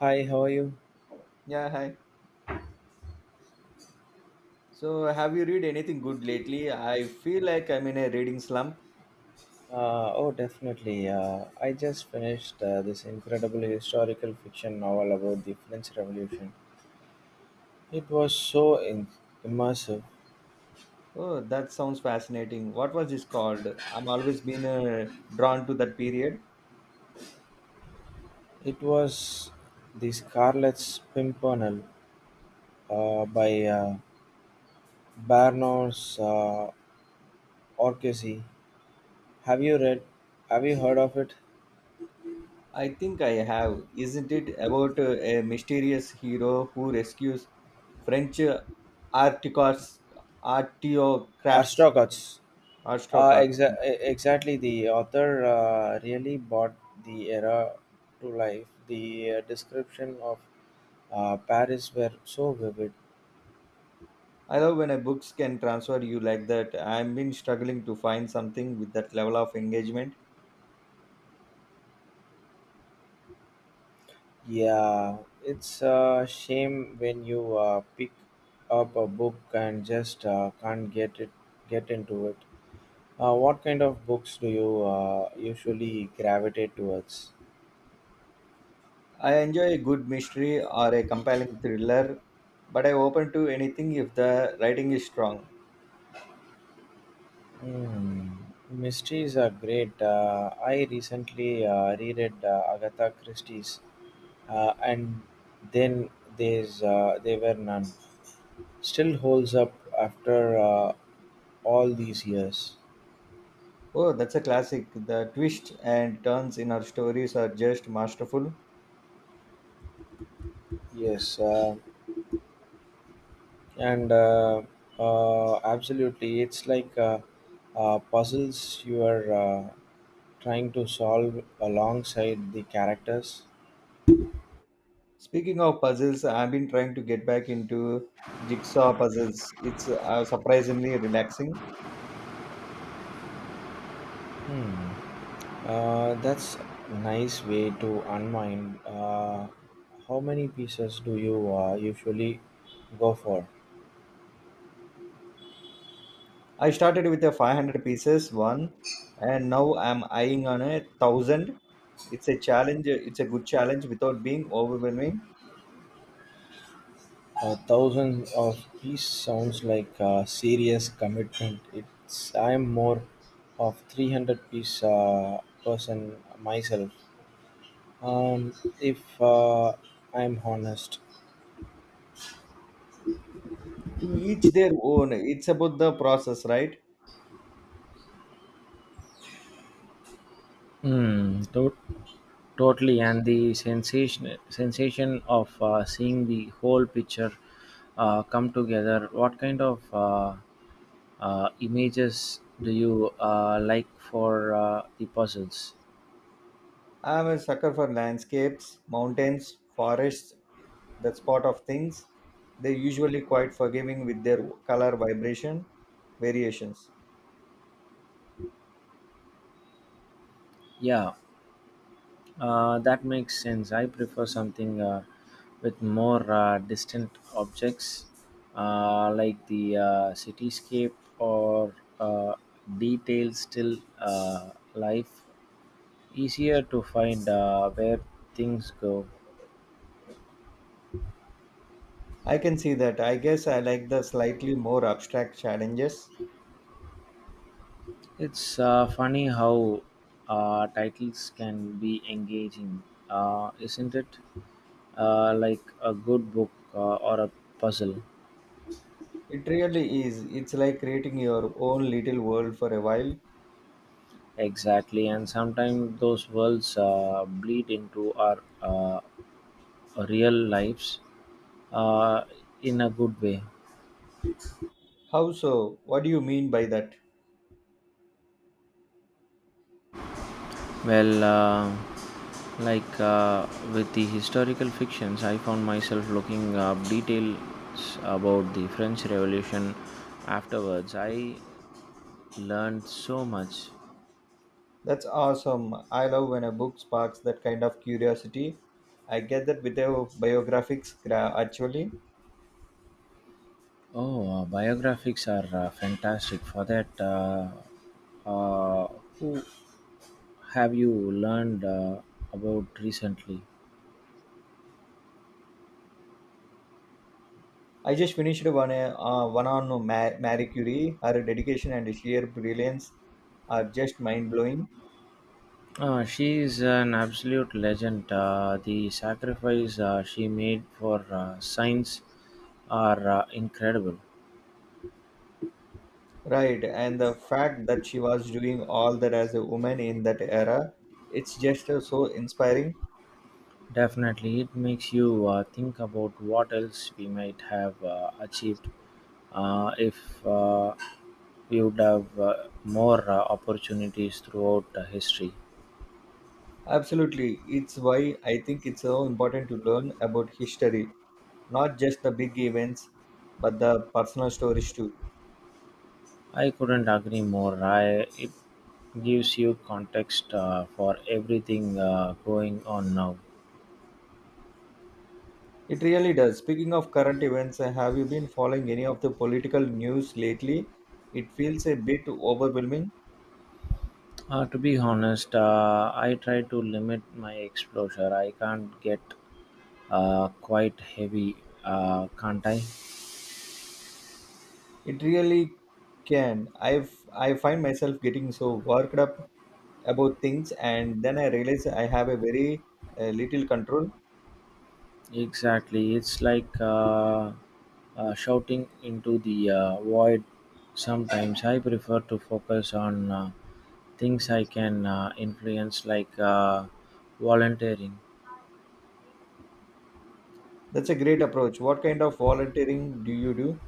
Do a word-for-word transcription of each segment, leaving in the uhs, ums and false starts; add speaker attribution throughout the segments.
Speaker 1: Hi, how are you?
Speaker 2: Yeah, hi. So, have you read anything good lately? I feel like I'm in a reading slump.
Speaker 1: Uh, oh, definitely. Uh, I just finished uh, this incredible historical fiction novel about the French Revolution. It was so in- immersive.
Speaker 2: Oh, that sounds fascinating. What was this called? I'm always been uh, drawn to that period.
Speaker 1: It was The Scarlet Pimpernel uh, by uh, Barnos uh, Orchesi. Have you read? Have you heard of it?
Speaker 2: I think I have. Isn't it about uh, a mysterious hero who rescues French uh, articos, artiocrafts,
Speaker 1: Arstogots. Uh,
Speaker 2: aristocrats?
Speaker 1: exa-
Speaker 2: Yeah.
Speaker 1: e- exactly, the author uh, really brought the era to life. The uh, description of Uh, Paris were so vivid.
Speaker 2: I love when a books can transfer you like that. I've been struggling to find something with that level of engagement.
Speaker 1: Yeah, it's a shame when you uh, pick up a book and just uh, can't get it get into it. Uh, what kind of books do you uh, usually gravitate towards?
Speaker 2: I enjoy a good mystery or a compelling thriller, but I'm open to anything if the writing is strong.
Speaker 1: Hmm. Mysteries are great. Uh, I recently uh, reread uh, Agatha Christie's, uh, and then there's uh, they were none. Still holds up after uh, all these years.
Speaker 2: Oh, that's a classic. The twists and turns in our stories are just masterful.
Speaker 1: Yes, uh, and uh, uh, absolutely. It's like uh, uh, puzzles you are uh, trying to solve alongside the characters.
Speaker 2: Speaking of puzzles, I've been trying to get back into jigsaw puzzles. It's uh, surprisingly relaxing.
Speaker 1: Hmm. Uh, that's nice way to unwind. Uh, how many pieces do you uh, usually go for?
Speaker 2: I started with a five hundred pieces one, and now I'm eyeing on a thousand. It's a challenge. It's a good challenge without being overwhelming.
Speaker 1: A thousand of piece sounds like a serious commitment. It's I'm more of three hundred piece uh, person myself, um, if uh, I'm honest.
Speaker 2: To each their own. It's about the process, right?
Speaker 1: Hmm. to- Totally, and the sensation sensation of uh, seeing the whole picture uh, come together. What kind of uh, uh, images do you uh, like for uh, the puzzles?
Speaker 2: I'm a sucker for landscapes, mountains, forests, that spot of things. They're usually quite forgiving with their color vibration variations.
Speaker 1: Yeah, Uh, that makes sense. I prefer something uh, with more uh, distant objects, uh, like the uh, cityscape or uh, detailed still uh, life. Easier to find uh, where things go.
Speaker 2: I can see that. I guess I like the slightly more abstract challenges.
Speaker 1: It's uh, funny how uh, titles can be engaging, uh, isn't it? Uh, like a good book uh, or a puzzle.
Speaker 2: It really is. It's like creating your own little world for a while.
Speaker 1: Exactly, and sometimes those worlds uh, bleed into our uh, real lives uh, in a good way.
Speaker 2: How so? What do you mean by that?
Speaker 1: Well, uh, like uh, with the historical fictions, I found myself looking up details about the French Revolution afterwards. I learned so much.
Speaker 2: That's awesome. I love when a book sparks that kind of curiosity. I get that with your biographics, gra- actually.
Speaker 1: Oh, uh, biographies are uh, fantastic for that. Uh, uh, who have you learned uh, about recently?
Speaker 2: I just finished one, uh, one on Ma- Marie Curie. Her dedication and sheer brilliance are just mind blowing.
Speaker 1: Uh, she is an absolute legend. Uh, the sacrifice uh, she made for uh, science are uh, incredible.
Speaker 2: Right, and the fact that she was doing all that as a woman in that era, it's just uh, so inspiring.
Speaker 1: Definitely, it makes you uh, think about what else we might have uh, achieved uh, if uh, we would have uh, more uh, opportunities throughout uh, history.
Speaker 2: Absolutely, it's why I think it's so important to learn about history, not just the big events, but the personal stories too.
Speaker 1: I couldn't agree more. I, it gives you context uh, for everything uh, going on now.
Speaker 2: It really does. Speaking of current events, uh, have you been following any of the political news lately? It feels a bit overwhelming.
Speaker 1: Uh, to be honest, uh, I try to limit my exposure. I can't get uh, quite heavy, uh, can't I?
Speaker 2: It really can. I've I find myself getting so worked up about things, and then I realize I have a very uh, little control.
Speaker 1: Exactly. It's like uh, uh, shouting into the uh, void. Sometimes I prefer to focus on uh, things I can uh, influence, like uh, volunteering.
Speaker 2: That's a great approach. What kind of volunteering do you do?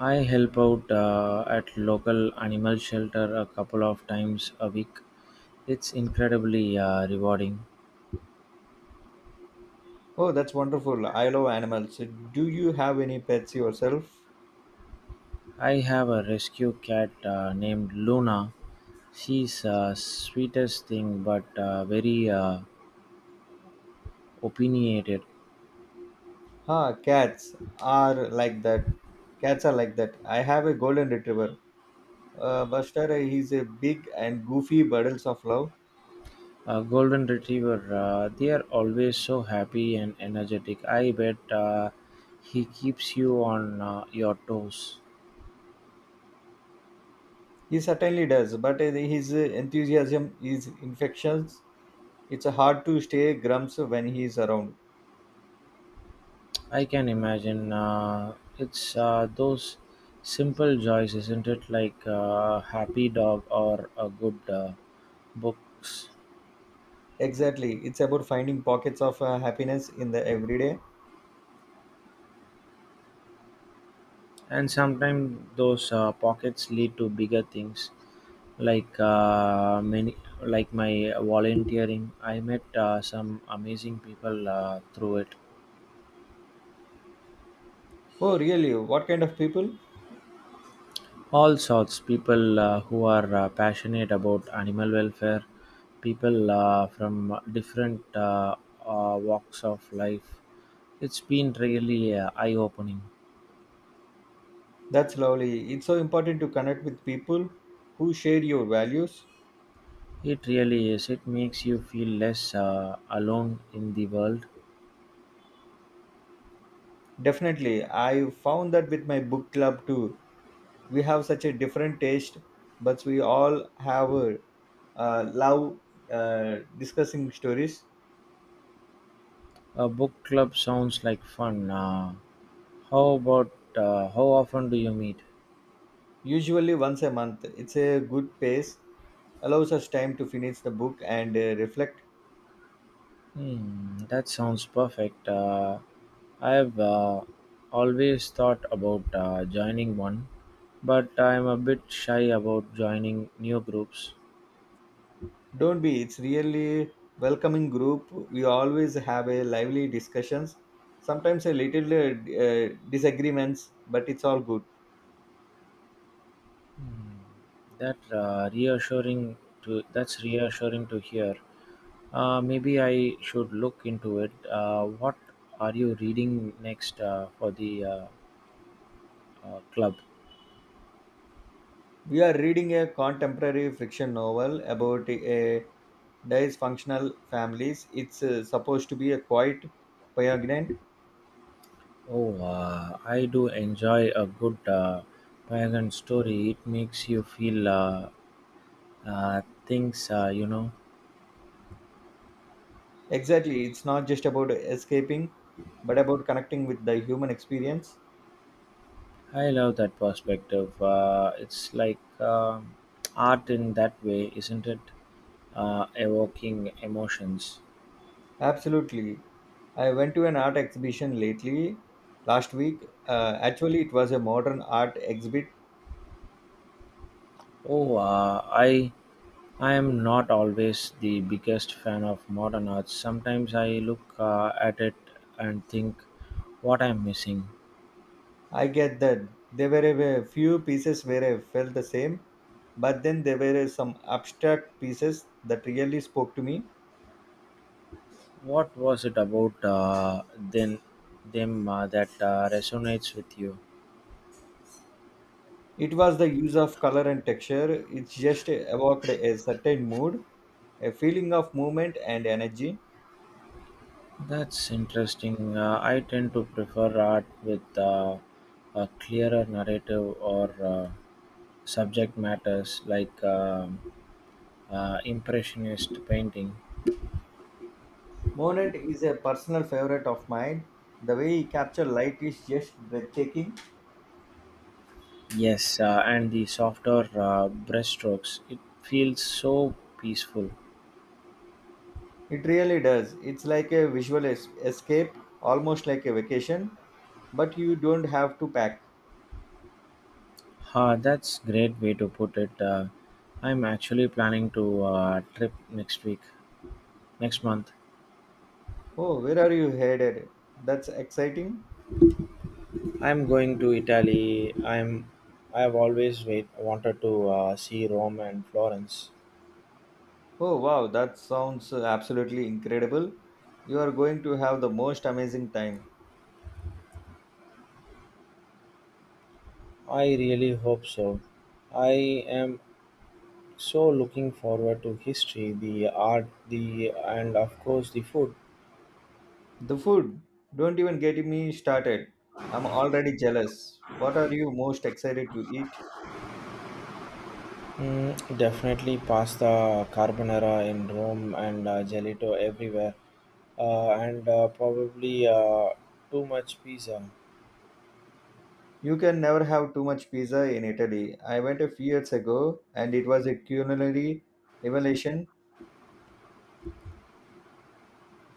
Speaker 1: I help out uh, at local animal shelter a couple of times a week. It's incredibly uh, rewarding.
Speaker 2: Oh, that's wonderful. I love animals. Do you have any pets yourself?
Speaker 1: I have a rescue cat uh, named Luna. She's uh, sweetest thing but uh, very uh, opinionated.
Speaker 2: Ah, cats are like that. Cats are like that. I have a golden retriever. Uh, Buster, he's a big and goofy bundles of love.
Speaker 1: A golden retriever. Uh, they are always so happy and energetic. I bet uh, he keeps you on uh, your toes.
Speaker 2: He certainly does, but uh, his enthusiasm is infectious. It's hard to stay grumps when he's around.
Speaker 1: I can imagine. Uh, it's uh, those simple joys, isn't it? Like a happy dog or a good uh, books.
Speaker 2: Exactly. It's about finding pockets of uh, happiness in the everyday.
Speaker 1: And sometimes those uh, pockets lead to bigger things, like uh, many, like my volunteering. I met uh, some amazing people uh, through it.
Speaker 2: Oh, really? What kind of people?
Speaker 1: All sorts people uh, who are uh, passionate about animal welfare, people uh, from different uh, uh, walks of life. It's been really uh, eye-opening.
Speaker 2: That's lovely. It's so important to connect with people who share your values.
Speaker 1: It really is. It makes you feel less uh, alone in the world.
Speaker 2: Definitely. I found that with my book club too. We have such a different taste, but we all have a uh, love uh, discussing stories.
Speaker 1: A book club sounds like fun. Uh, how about uh, how often do you meet?
Speaker 2: Usually once a month. It's a good pace, allows us time to finish the book and uh, reflect.
Speaker 1: Hmm, that sounds perfect. Uh, I've uh, always thought about uh, joining one, but I'm a bit shy about joining new groups.
Speaker 2: Don't be. It's really welcoming group. We always have a lively discussions. Sometimes a little uh, disagreements, but it's all good.
Speaker 1: Hmm. That uh, reassuring to that's reassuring to hear. Uh, maybe I should look into it. Uh, what are you reading next uh, for the uh, uh, club?
Speaker 2: We are reading a contemporary fiction novel about a dysfunctional families. It's uh, supposed to be a quiet, poignant.
Speaker 1: Oh, uh, I do enjoy a good uh, pagan story. It makes you feel uh, uh, things, uh, you know.
Speaker 2: Exactly. It's not just about escaping, but about connecting with the human experience.
Speaker 1: I love that perspective. Uh, it's like um art in that way, isn't it? Uh, evoking emotions.
Speaker 2: Absolutely. I went to an art exhibition lately, last week. Uh, actually, it was a modern art exhibit.
Speaker 1: Oh, uh, I I am not always the biggest fan of modern art. Sometimes I look uh, at it and think, what I'm missing.
Speaker 2: I get that there were a few pieces where I felt the same, but then there were some abstract pieces that really spoke to me.
Speaker 1: What was it about uh, then them uh, that uh, resonates with you?
Speaker 2: It was the use of color and texture. It just evoked a certain mood, a feeling of movement and energy.
Speaker 1: That's interesting. Uh, I tend to prefer art with uh, a clearer narrative or uh, subject matters like um uh, impressionist painting.
Speaker 2: Monet is a personal favorite of mine. The way he captures light is just breathtaking.
Speaker 1: Yes, uh, and the softer uh, brushstrokes. It feels so peaceful.
Speaker 2: It really does. It's like a visual es- escape, almost like a vacation, but you don't have to pack.
Speaker 1: Ah, that's great way to put it. Uh, I'm actually planning to uh, trip next week, next month.
Speaker 2: Oh, where are you headed? That's exciting.
Speaker 1: I'm going to Italy. I'm. I've always wait, wanted to uh, see Rome and Florence.
Speaker 2: Oh, wow, that sounds uh, absolutely incredible. You are going to have the most amazing time.
Speaker 1: I really hope so. I am so looking forward to history, the art, the and of course the food.
Speaker 2: The food, don't even get me started. I'm already jealous. What are you most excited to eat?
Speaker 1: Mm, definitely pasta, carbonara in Rome, and uh, gelato everywhere, uh, and uh, probably uh, too much pizza.
Speaker 2: You can never have too much pizza in Italy. I went a few years ago and it was a culinary revelation.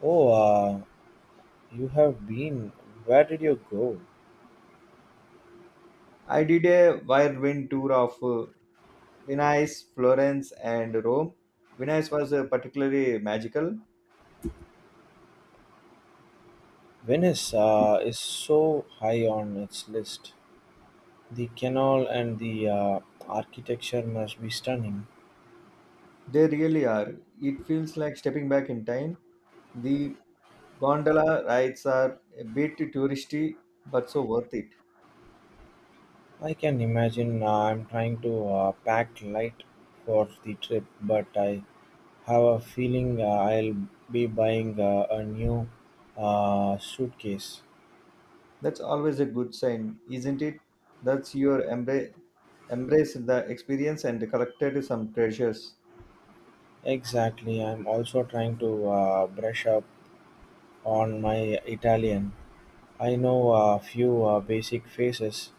Speaker 1: Oh, uh, you have been. Where did you go?
Speaker 2: I did a whirlwind tour of uh, Venice, Florence, and Rome. Venice was uh, particularly magical.
Speaker 1: Venice uh, is so high on its list. The canal and the uh, architecture must be stunning.
Speaker 2: They really are. It feels like stepping back in time. The gondola rides are a bit touristy, but so worth it.
Speaker 1: I can imagine. uh, I'm trying to uh, pack light for the trip, but I have a feeling uh, I'll be buying uh, a new uh, suitcase.
Speaker 2: That's always a good sign, isn't it? That's your embrace, embrace the experience and collected some treasures.
Speaker 1: Exactly. I'm also trying to uh, brush up on my Italian. I know a few uh, basic phrases,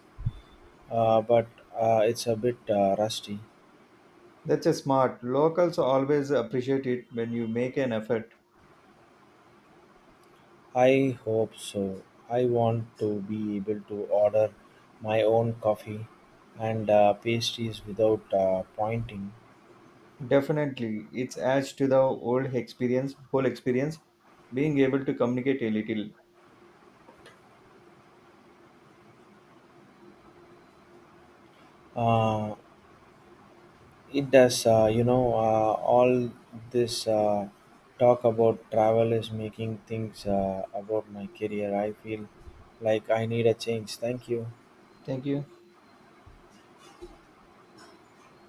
Speaker 1: uh, but uh, it's a bit uh, rusty.
Speaker 2: That's a smart. Locals always appreciate it when you make an effort.
Speaker 1: I hope so. I want to be able to order my own coffee and uh, pastries without uh, pointing.
Speaker 2: Definitely, it adds to the old experience, whole experience, being able to communicate a little.
Speaker 1: Uh, It does. Uh, you know, uh, all this uh, talk about travel is making things uh, about my career. I feel like I need a change. Thank you.
Speaker 2: Thank you.